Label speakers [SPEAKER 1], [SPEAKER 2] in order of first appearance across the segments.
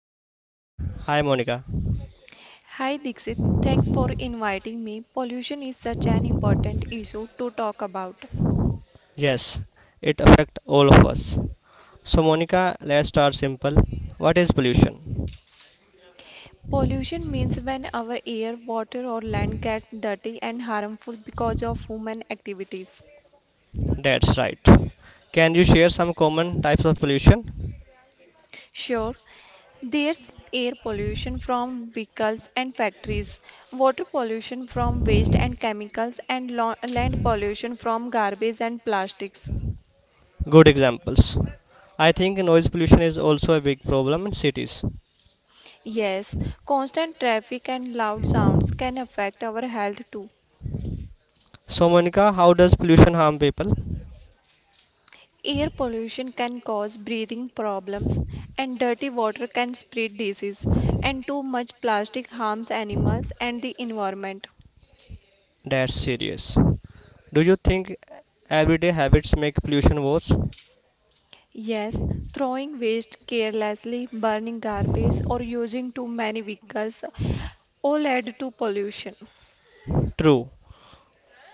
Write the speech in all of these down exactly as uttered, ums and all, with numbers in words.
[SPEAKER 1] me is Monica. Hi Monica.
[SPEAKER 2] Hi Dixit, thanks for inviting me. Pollution is such an important issue to talk about.
[SPEAKER 1] Yes, it affects all of us. So Monica, let's start simple. What is pollution?
[SPEAKER 2] Pollution means when our air, water, or land gets dirty and harmful because of human activities.
[SPEAKER 1] That's right. Can you share some common types of pollution?
[SPEAKER 2] Sure, there's air pollution from vehicles and factories, water pollution from waste and chemicals, and lo- land pollution from garbage and plastics.
[SPEAKER 1] Good examples. I think noise pollution is also a big problem in cities.
[SPEAKER 2] Yes, constant traffic and loud sounds can affect our health too.
[SPEAKER 1] So Monica, how does pollution harm people?
[SPEAKER 2] Air pollution can cause breathing problems, and dirty water can spread disease, and too much plastic harms animals and the environment.
[SPEAKER 1] That's serious. Do you think everyday habits make pollution worse?
[SPEAKER 2] Yes, throwing waste carelessly, burning garbage, or using too many vehicles all add to pollution.
[SPEAKER 1] True.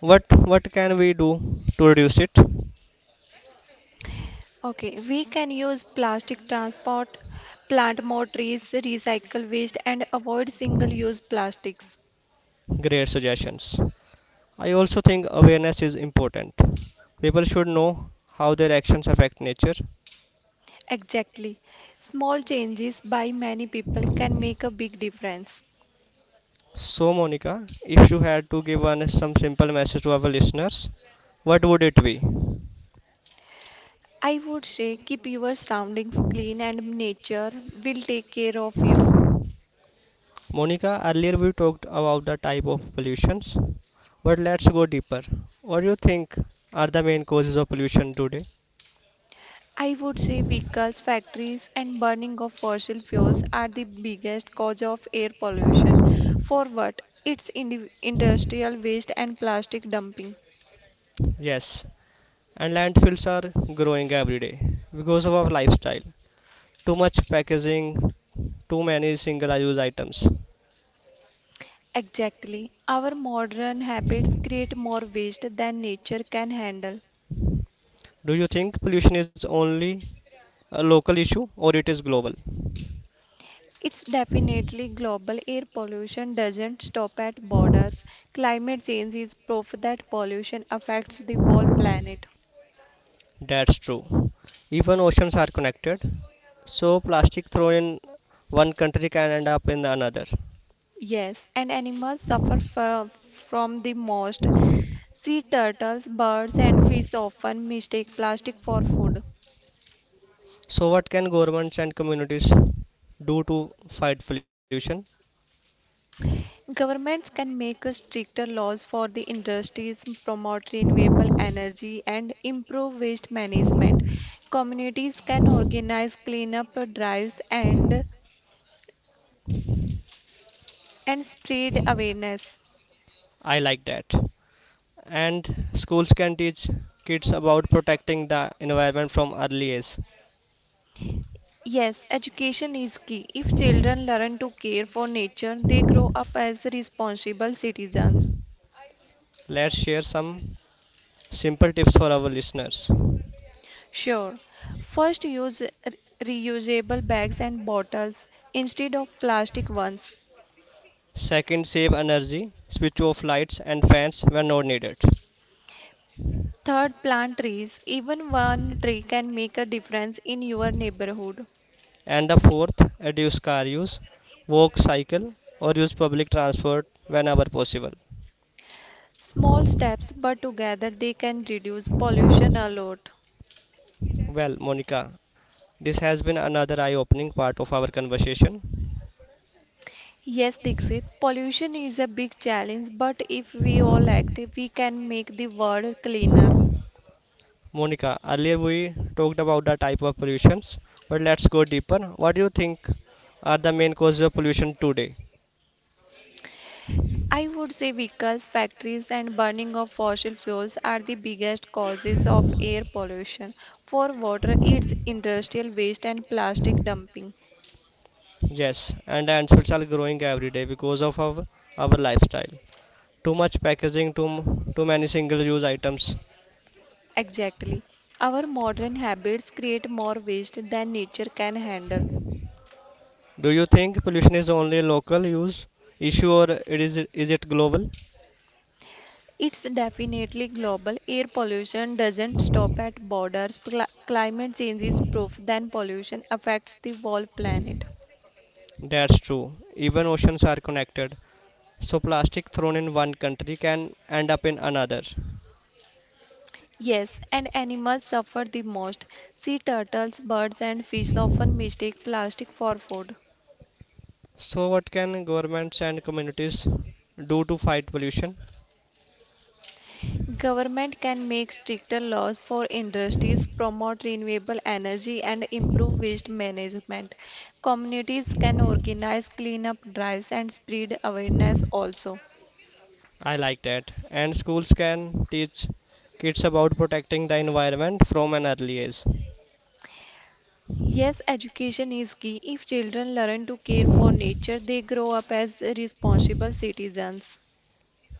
[SPEAKER 1] What what can we do to reduce it?
[SPEAKER 2] Okay, we can use plastic transport, plant more trees, recycle waste, and avoid single use plastics.
[SPEAKER 1] Great suggestions. I also think awareness is important. People should know how their actions affect nature.
[SPEAKER 2] Exactly. Small changes by many people can make a big difference.
[SPEAKER 1] So Monica, if you had to give one some simple message to our listeners, what would it be?
[SPEAKER 2] I would say keep your surroundings clean and nature will take care of you.
[SPEAKER 1] Monica, earlier we talked about the type of pollutions, but let's go deeper. What do you think are the main causes of pollution today?
[SPEAKER 2] I would say vehicles, factories, and burning of fossil fuels are the biggest cause of air pollution. For what? It's indi- industrial waste and plastic dumping.
[SPEAKER 1] Yes, and landfills are growing every day because of our lifestyle. Too much packaging, too many single use items.
[SPEAKER 2] Exactly. Our modern habits create more waste than nature can handle.
[SPEAKER 1] Do you think pollution is only a local issue or it is global?
[SPEAKER 2] It's definitely global. Air pollution doesn't stop at borders. Climate change is proof that pollution affects the whole planet.
[SPEAKER 1] That's true. Even oceans are connected. So plastic thrown in one country can end up in another.
[SPEAKER 2] Yes, and animals suffer from, from the most. Sea turtles, birds, and fish often mistake plastic for food.
[SPEAKER 1] So what can governments and communities do to fight pollution?
[SPEAKER 2] Governments can make stricter laws for the industries, promote renewable energy, and improve waste management. Communities can organize cleanup drives and and spread awareness.
[SPEAKER 1] I like that. And schools can teach kids about protecting the environment from early age.
[SPEAKER 2] Yes, education is key. If children learn to care for nature, they grow up as responsible citizens.
[SPEAKER 1] Let's share some simple tips for our listeners.
[SPEAKER 2] Sure. First, use re- reusable bags and bottles instead of plastic ones.
[SPEAKER 1] Second, save energy, switch off lights and fans when not needed.
[SPEAKER 2] Third, plant trees. Even one tree can make a difference in your neighborhood.
[SPEAKER 1] And the fourth, reduce car use, walk, cycle, or use public transport whenever possible.
[SPEAKER 2] Small steps, but together they can reduce pollution a lot.
[SPEAKER 1] Well, Monica, this has been another eye opening part of our conversation.
[SPEAKER 2] Yes, Dixit, pollution is a big challenge, but if we all act, we can make the world cleaner.
[SPEAKER 1] Monica, earlier we talked about the type of pollutions, but let's go deeper. What do you think are the main causes of pollution today?
[SPEAKER 2] I would say vehicles, factories, and burning of fossil fuels are the biggest causes of air pollution. For water, it's industrial waste and plastic dumping.
[SPEAKER 1] Yes, and the answers are growing every day because of our, our lifestyle. Too much packaging too, too many single use items.
[SPEAKER 2] Exactly. Our modern habits create more waste than nature can handle.
[SPEAKER 1] Do you think pollution is only a local use issue or it is is it global?
[SPEAKER 2] It's definitely global. Air pollution doesn't stop at borders. Cli- climate change is proof then pollution affects the whole planet.
[SPEAKER 1] That's true. Even oceans are connected. So plastic thrown in one country can end up in another.
[SPEAKER 2] Yes, and animals suffer the most. Sea turtles, birds, and fish often mistake plastic for food.
[SPEAKER 1] So what can governments and communities do to fight pollution?
[SPEAKER 2] Government can make stricter laws for industries, promote renewable energy, and improve waste management. Communities can organize cleanup drives and spread awareness also.
[SPEAKER 1] I like that. And schools can teach kids about protecting the environment from an early age.
[SPEAKER 2] Yes, education is key. If children learn to care for nature, they grow up as responsible citizens.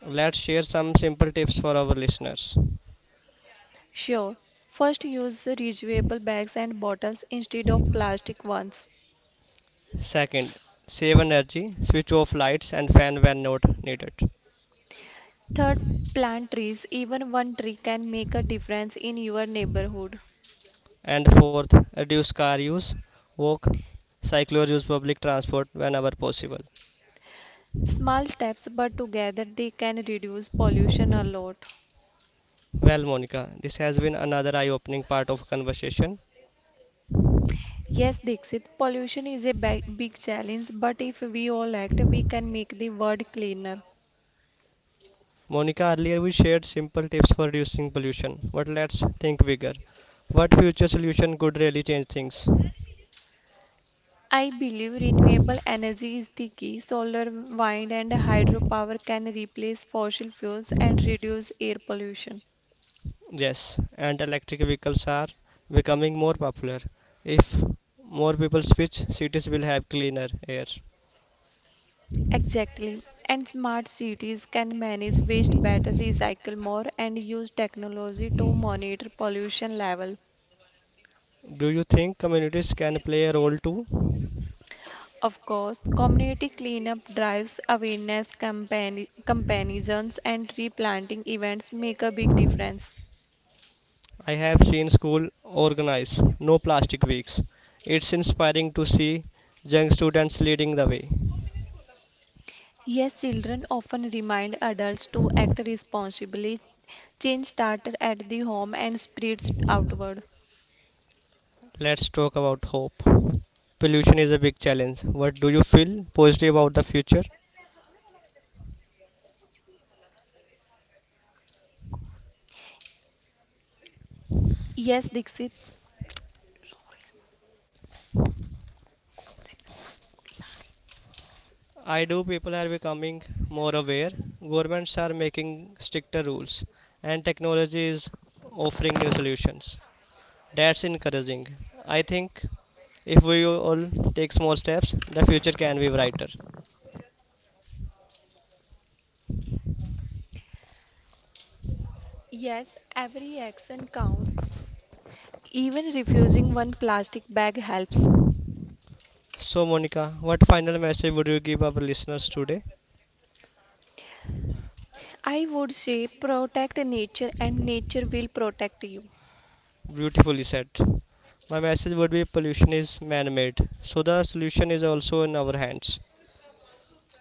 [SPEAKER 1] Let's share some simple tips for our listeners.
[SPEAKER 2] Sure, first use reusable bags and bottles instead of plastic ones.
[SPEAKER 1] Second, save energy, switch off lights and fan when not needed.
[SPEAKER 2] Third, plant trees. Even one tree can make a difference in your neighborhood.
[SPEAKER 1] And fourth, reduce car use, walk, cycle or use public transport whenever possible.
[SPEAKER 2] Small steps, but together they can reduce pollution a lot.
[SPEAKER 1] Well, Monica, this has been another eye opening part of conversation.
[SPEAKER 2] Yes, Dixit, pollution is a big, big challenge, but if we all act, we can make the world cleaner.
[SPEAKER 1] Monica, earlier we shared simple tips for reducing pollution, but let's think bigger. What future solution could really change things?
[SPEAKER 2] I believe renewable energy is the key. Solar, wind, and hydropower can replace fossil fuels and reduce air pollution.
[SPEAKER 1] Yes, and electric vehicles are becoming more popular. If more people switch, cities will have cleaner air.
[SPEAKER 2] Exactly. And smart cities can manage waste better, recycle more, and use technology to monitor pollution level.
[SPEAKER 1] Do you think communities can play a role too?
[SPEAKER 2] Of course, community cleanup drives, awareness campaign, comparisons, and replanting events make a big difference.
[SPEAKER 1] I have seen school organize no plastic weeks. It's inspiring to see young students leading the way.
[SPEAKER 2] Yes, children often remind adults to act responsibly. Change started at the home and spreads outward.
[SPEAKER 1] Let's talk about hope. Pollution is a big challenge. What do you feel positive about the future?
[SPEAKER 2] Yes, Dixit.
[SPEAKER 1] I do. People are becoming more aware. Governments are making stricter rules and technology is offering new solutions. That's encouraging. I think if we all take small steps, the future can be brighter.
[SPEAKER 2] Yes, every action counts. Even refusing one plastic bag helps.
[SPEAKER 1] So, Monica, what final message would you give our listeners today?
[SPEAKER 2] I would say protect nature and nature will protect you.
[SPEAKER 1] Beautifully said. My message would be pollution is man made, so the solution is also in our hands.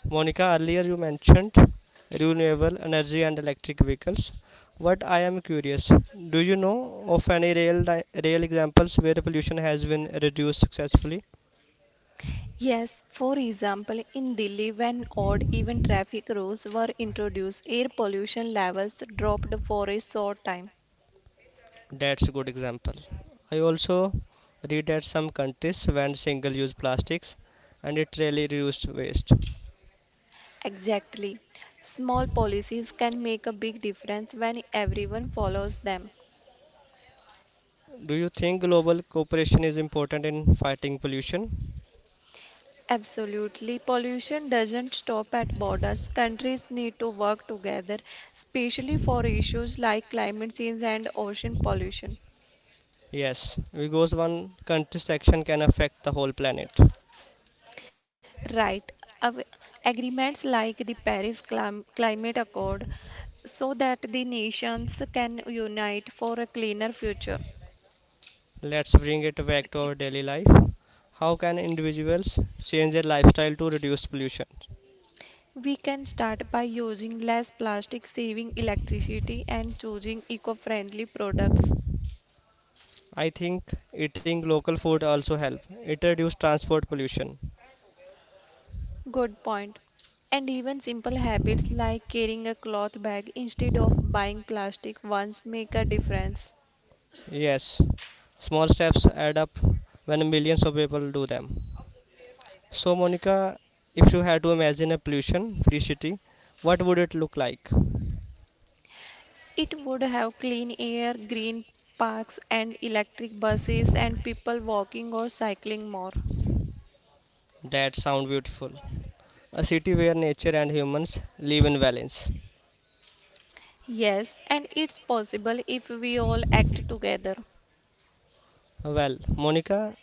[SPEAKER 1] Monica, earlier you mentioned renewable energy and electric vehicles. What I am curious, do you know of any real, real examples where the pollution has been reduced successfully?
[SPEAKER 2] Yes, for example, in Delhi, when odd even traffic rules were introduced, air pollution levels dropped for a short time.
[SPEAKER 1] That's a good example. I also read that some countries banned single use plastics and it really reduced waste.
[SPEAKER 2] Exactly. Small policies can make a big difference when everyone follows them.
[SPEAKER 1] Do you think global cooperation is important in fighting pollution?
[SPEAKER 2] Absolutely. Pollution doesn't stop at borders. Countries need to work together, especially for issues like climate change and ocean pollution.
[SPEAKER 1] Yes, because one country's action can affect the whole planet.
[SPEAKER 2] Right. Av- Agreements like the Paris Clim- Climate Accord so that the nations can unite for a cleaner future.
[SPEAKER 1] Let's bring it back to our daily life. How can individuals change their lifestyle to reduce pollution?
[SPEAKER 2] We can start by using less plastic, saving electricity, and choosing eco friendly products.
[SPEAKER 1] I think eating local food also helps. It reduces transport pollution.
[SPEAKER 2] Good point. And even simple habits like carrying a cloth bag instead of buying plastic ones make a difference.
[SPEAKER 1] Yes, small steps add up when millions of people do them. So Monica, if you had to imagine a pollution-free city, what would it look like?
[SPEAKER 2] It would have clean air, green parks, and electric buses, and people walking or cycling more.
[SPEAKER 1] That sounds beautiful. A city where nature and humans live in balance.
[SPEAKER 2] Yes, and it's possible if we all act together.
[SPEAKER 1] Well, Monica,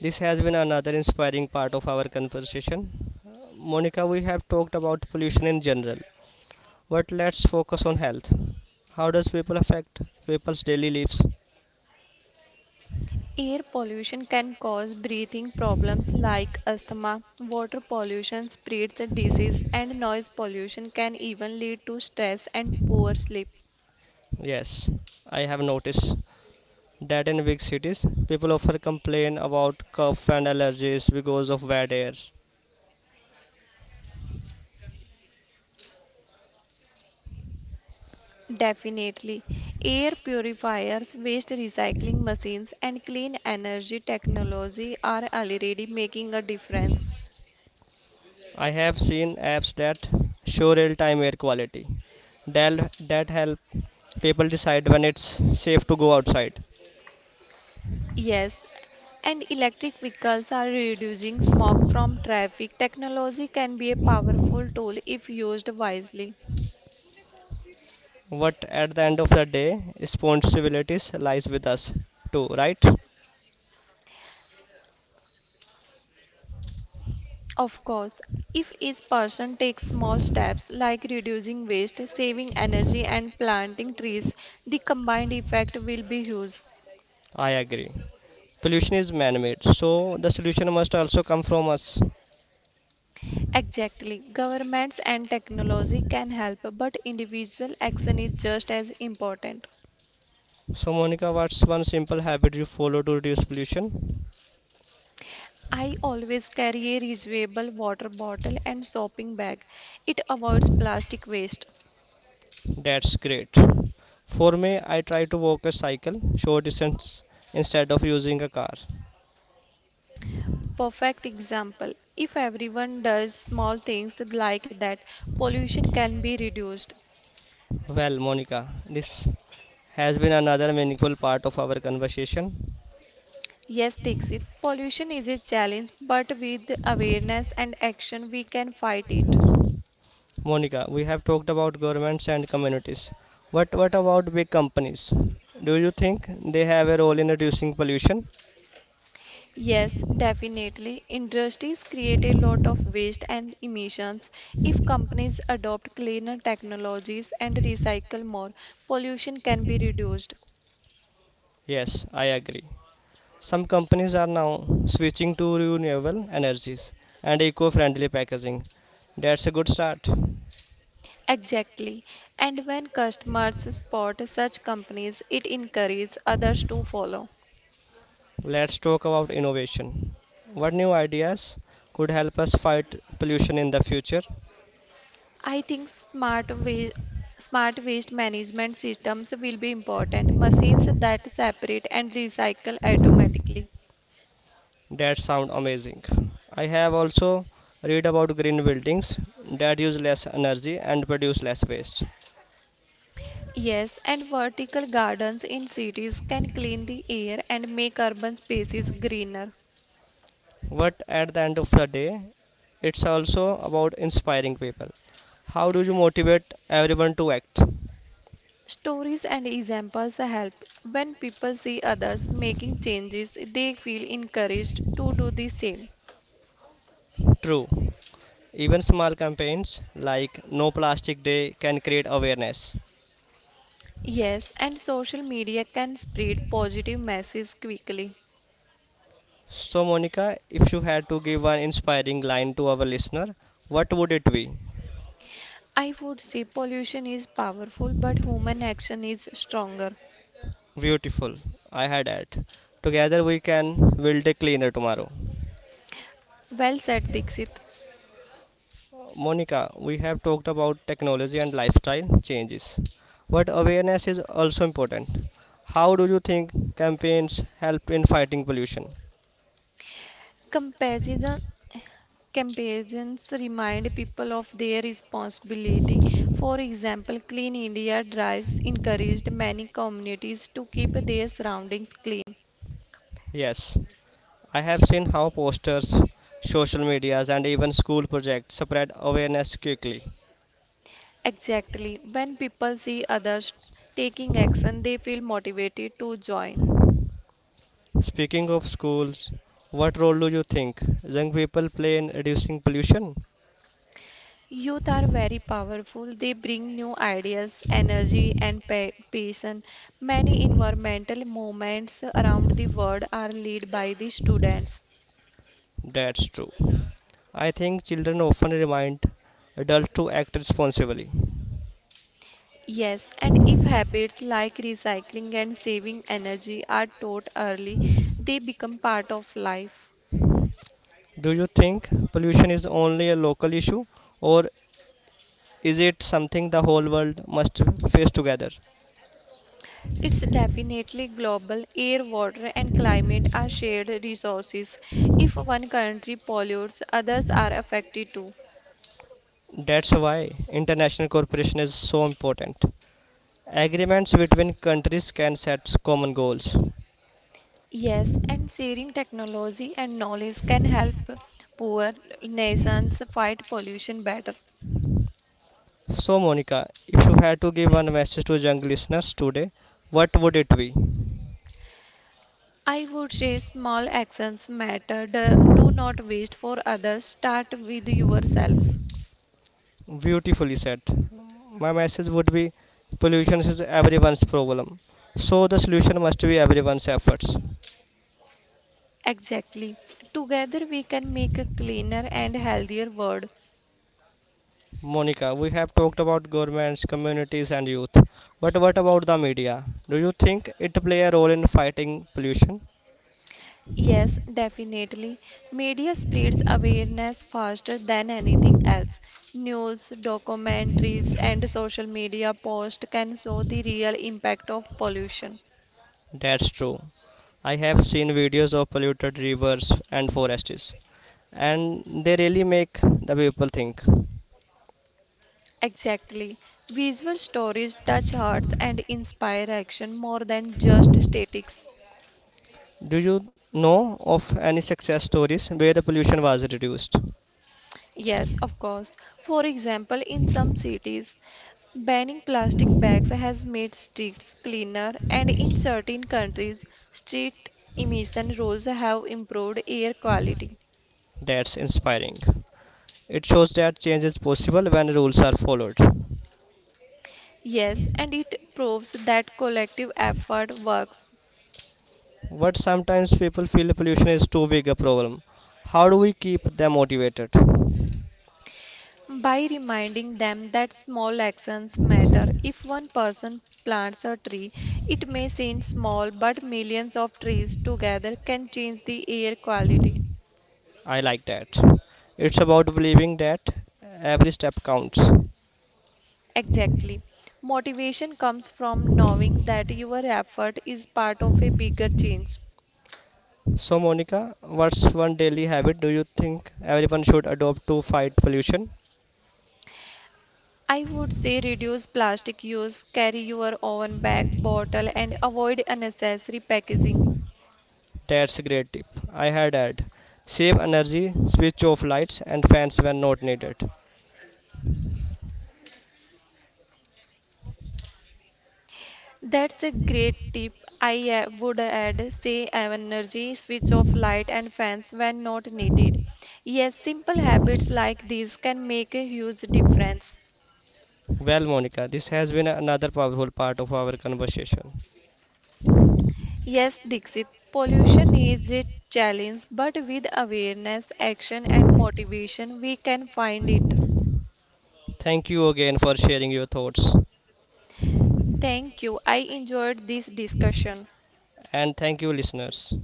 [SPEAKER 1] this has been another inspiring part of our conversation. Monica, we have talked about pollution in general, but let's focus on health. How does people affect people's daily lives?
[SPEAKER 2] Air pollution can cause breathing problems like asthma, water pollution spreads the disease, and noise pollution can even lead to stress and poor sleep.
[SPEAKER 1] Yes, I have noticed that in big cities, people often complain about cough and allergies because of bad air.
[SPEAKER 2] Definitely. Air purifiers, waste recycling machines, and clean energy technology are already making a difference.
[SPEAKER 1] I have seen apps that show real-time air quality that, that help people decide when it's safe to go outside.
[SPEAKER 2] Yes, and electric vehicles are reducing smog from traffic. Technology can be a powerful tool if used wisely.
[SPEAKER 1] But at the end of the day, responsibilities lies with us too, right?
[SPEAKER 2] Of course, if each person takes small steps like reducing waste, saving energy, and planting trees, the combined effect will be huge.
[SPEAKER 1] I agree. Pollution is man-made, so the solution must also come from us.
[SPEAKER 2] Exactly. Governments and technology can help, but individual action is just as important.
[SPEAKER 1] So Monica, what's one simple habit you follow to reduce pollution?
[SPEAKER 2] I always carry a reusable water bottle and shopping bag. It avoids plastic waste.
[SPEAKER 1] That's great. For me, I try to walk a cycle short distance instead of using a car.
[SPEAKER 2] Perfect example. If everyone does small things like that, pollution can be reduced.
[SPEAKER 1] Well, Monica, this has been another meaningful part of our conversation.
[SPEAKER 2] Yes, Dixit, pollution is a challenge, but with awareness and action, we can fight it.
[SPEAKER 1] Monica, we have talked about governments and communities. But what about big companies? Do you think they have a role in reducing pollution?
[SPEAKER 2] Yes, definitely. Industries create a lot of waste and emissions. If companies adopt cleaner technologies and recycle more, pollution can be reduced.
[SPEAKER 1] Yes, I agree. Some companies are now switching to renewable energies and eco friendly packaging. That's a good start.
[SPEAKER 2] Exactly. And when customers spot such companies, it encourages others to follow.
[SPEAKER 1] Let's talk about innovation. What new ideas could help us fight pollution in the future?
[SPEAKER 2] I think smart wa- smart waste management systems will be important, machines that separate and recycle automatically.
[SPEAKER 1] That sound amazing. I have also read about green buildings that use less energy and produce less waste.
[SPEAKER 2] Yes, and vertical gardens in cities can clean the air and make urban spaces greener.
[SPEAKER 1] But at the end of the day, it's also about inspiring people. How do you motivate everyone to act?
[SPEAKER 2] Stories and examples help. When people see others making changes, they feel encouraged to do the same.
[SPEAKER 1] True. Even small campaigns like No Plastic Day can create awareness.
[SPEAKER 2] Yes, and social media can spread positive messages quickly.
[SPEAKER 1] So, Monica, if you had to give one inspiring line to our listener, what would it be?
[SPEAKER 2] I would say pollution is powerful, but human action is stronger.
[SPEAKER 1] Beautiful. I had it. Together we can build a cleaner tomorrow.
[SPEAKER 2] Well said, Dixit.
[SPEAKER 1] Monica, we have talked about technology and lifestyle changes, but awareness is also important. How do you think campaigns help in fighting pollution?
[SPEAKER 2] Comparison, Comparisons remind people of their responsibility. For example, Clean India drives encouraged many communities to keep their surroundings clean.
[SPEAKER 1] Yes, I have seen how posters, social medias, and even school projects spread awareness quickly.
[SPEAKER 2] Exactly. When people see others taking action, they feel motivated to join.
[SPEAKER 1] Speaking of schools, what role do you think young people play in reducing pollution?
[SPEAKER 2] Youth are very powerful. They bring new ideas, energy, and pa- passion. Many environmental movements around the world are led by the students.
[SPEAKER 1] That's true. I think children often remind adults to act responsibly.
[SPEAKER 2] Yes, and if habits like recycling and saving energy are taught early, they become part of life.
[SPEAKER 1] Do you think pollution is only a local issue or is it something the whole world must face together?
[SPEAKER 2] It's definitely global. Air, water, and climate are shared resources. If one country pollutes, others are affected too.
[SPEAKER 1] That's why international cooperation is so important. Agreements between countries can set common goals.
[SPEAKER 2] Yes, and sharing technology and knowledge can help poor nations fight pollution better.
[SPEAKER 1] So Monica, if you had to give one message to young listeners today, what would it be?
[SPEAKER 2] I would say small actions matter. Do do not wait for others. Start with yourself.
[SPEAKER 1] Beautifully said. My message would be pollution is everyone's problem. So the solution must be everyone's efforts.
[SPEAKER 2] Exactly. Together we can make a cleaner and healthier world.
[SPEAKER 1] Monica, we have talked about governments, communities and youth. But what about the media? Do you think it play a role in fighting pollution?
[SPEAKER 2] Yes, definitely. Media spreads awareness faster than anything else. News, documentaries, and social media posts can show the real impact of pollution.
[SPEAKER 1] That's true. I have seen videos of polluted rivers and forests and they really make the people think.
[SPEAKER 2] Exactly. Visual stories touch hearts and inspire action more than just statics.
[SPEAKER 1] Do you know of any success stories where the pollution was reduced?
[SPEAKER 2] Yes, of course. For example, in some cities, banning plastic bags has made streets cleaner, and in certain countries, street emission rules have improved air quality.
[SPEAKER 1] That's inspiring. It shows that change is possible when rules are followed.
[SPEAKER 2] Yes, and it proves that collective effort works.
[SPEAKER 1] But sometimes people feel pollution is too big a problem. How do we keep them motivated?
[SPEAKER 2] By reminding them that small actions matter. If one person plants a tree, it may seem small, but millions of trees together can change the air quality.
[SPEAKER 1] I like that. It's about believing that every step counts.
[SPEAKER 2] Exactly. Motivation comes from knowing that your effort is part of a bigger change.
[SPEAKER 1] So, Monica, what's one daily habit do you think everyone should adopt to fight pollution?
[SPEAKER 2] I would say reduce plastic use, carry your own bag, bottle, and avoid unnecessary packaging.
[SPEAKER 1] That's a great tip. I had add save energy, switch off lights and fans when not needed.
[SPEAKER 2] That's a great tip. I uh, would add say uh, energy, switch off light and fans when not needed. Yes, simple habits like these can make a huge difference.
[SPEAKER 1] Well, Monica, this has been another powerful part of our conversation.
[SPEAKER 2] Yes, Dixit, pollution is a challenge, but with awareness, action and motivation we can find it.
[SPEAKER 1] Thank you again for sharing your thoughts,
[SPEAKER 2] Thank you. I enjoyed this discussion.
[SPEAKER 1] and thank you, listeners.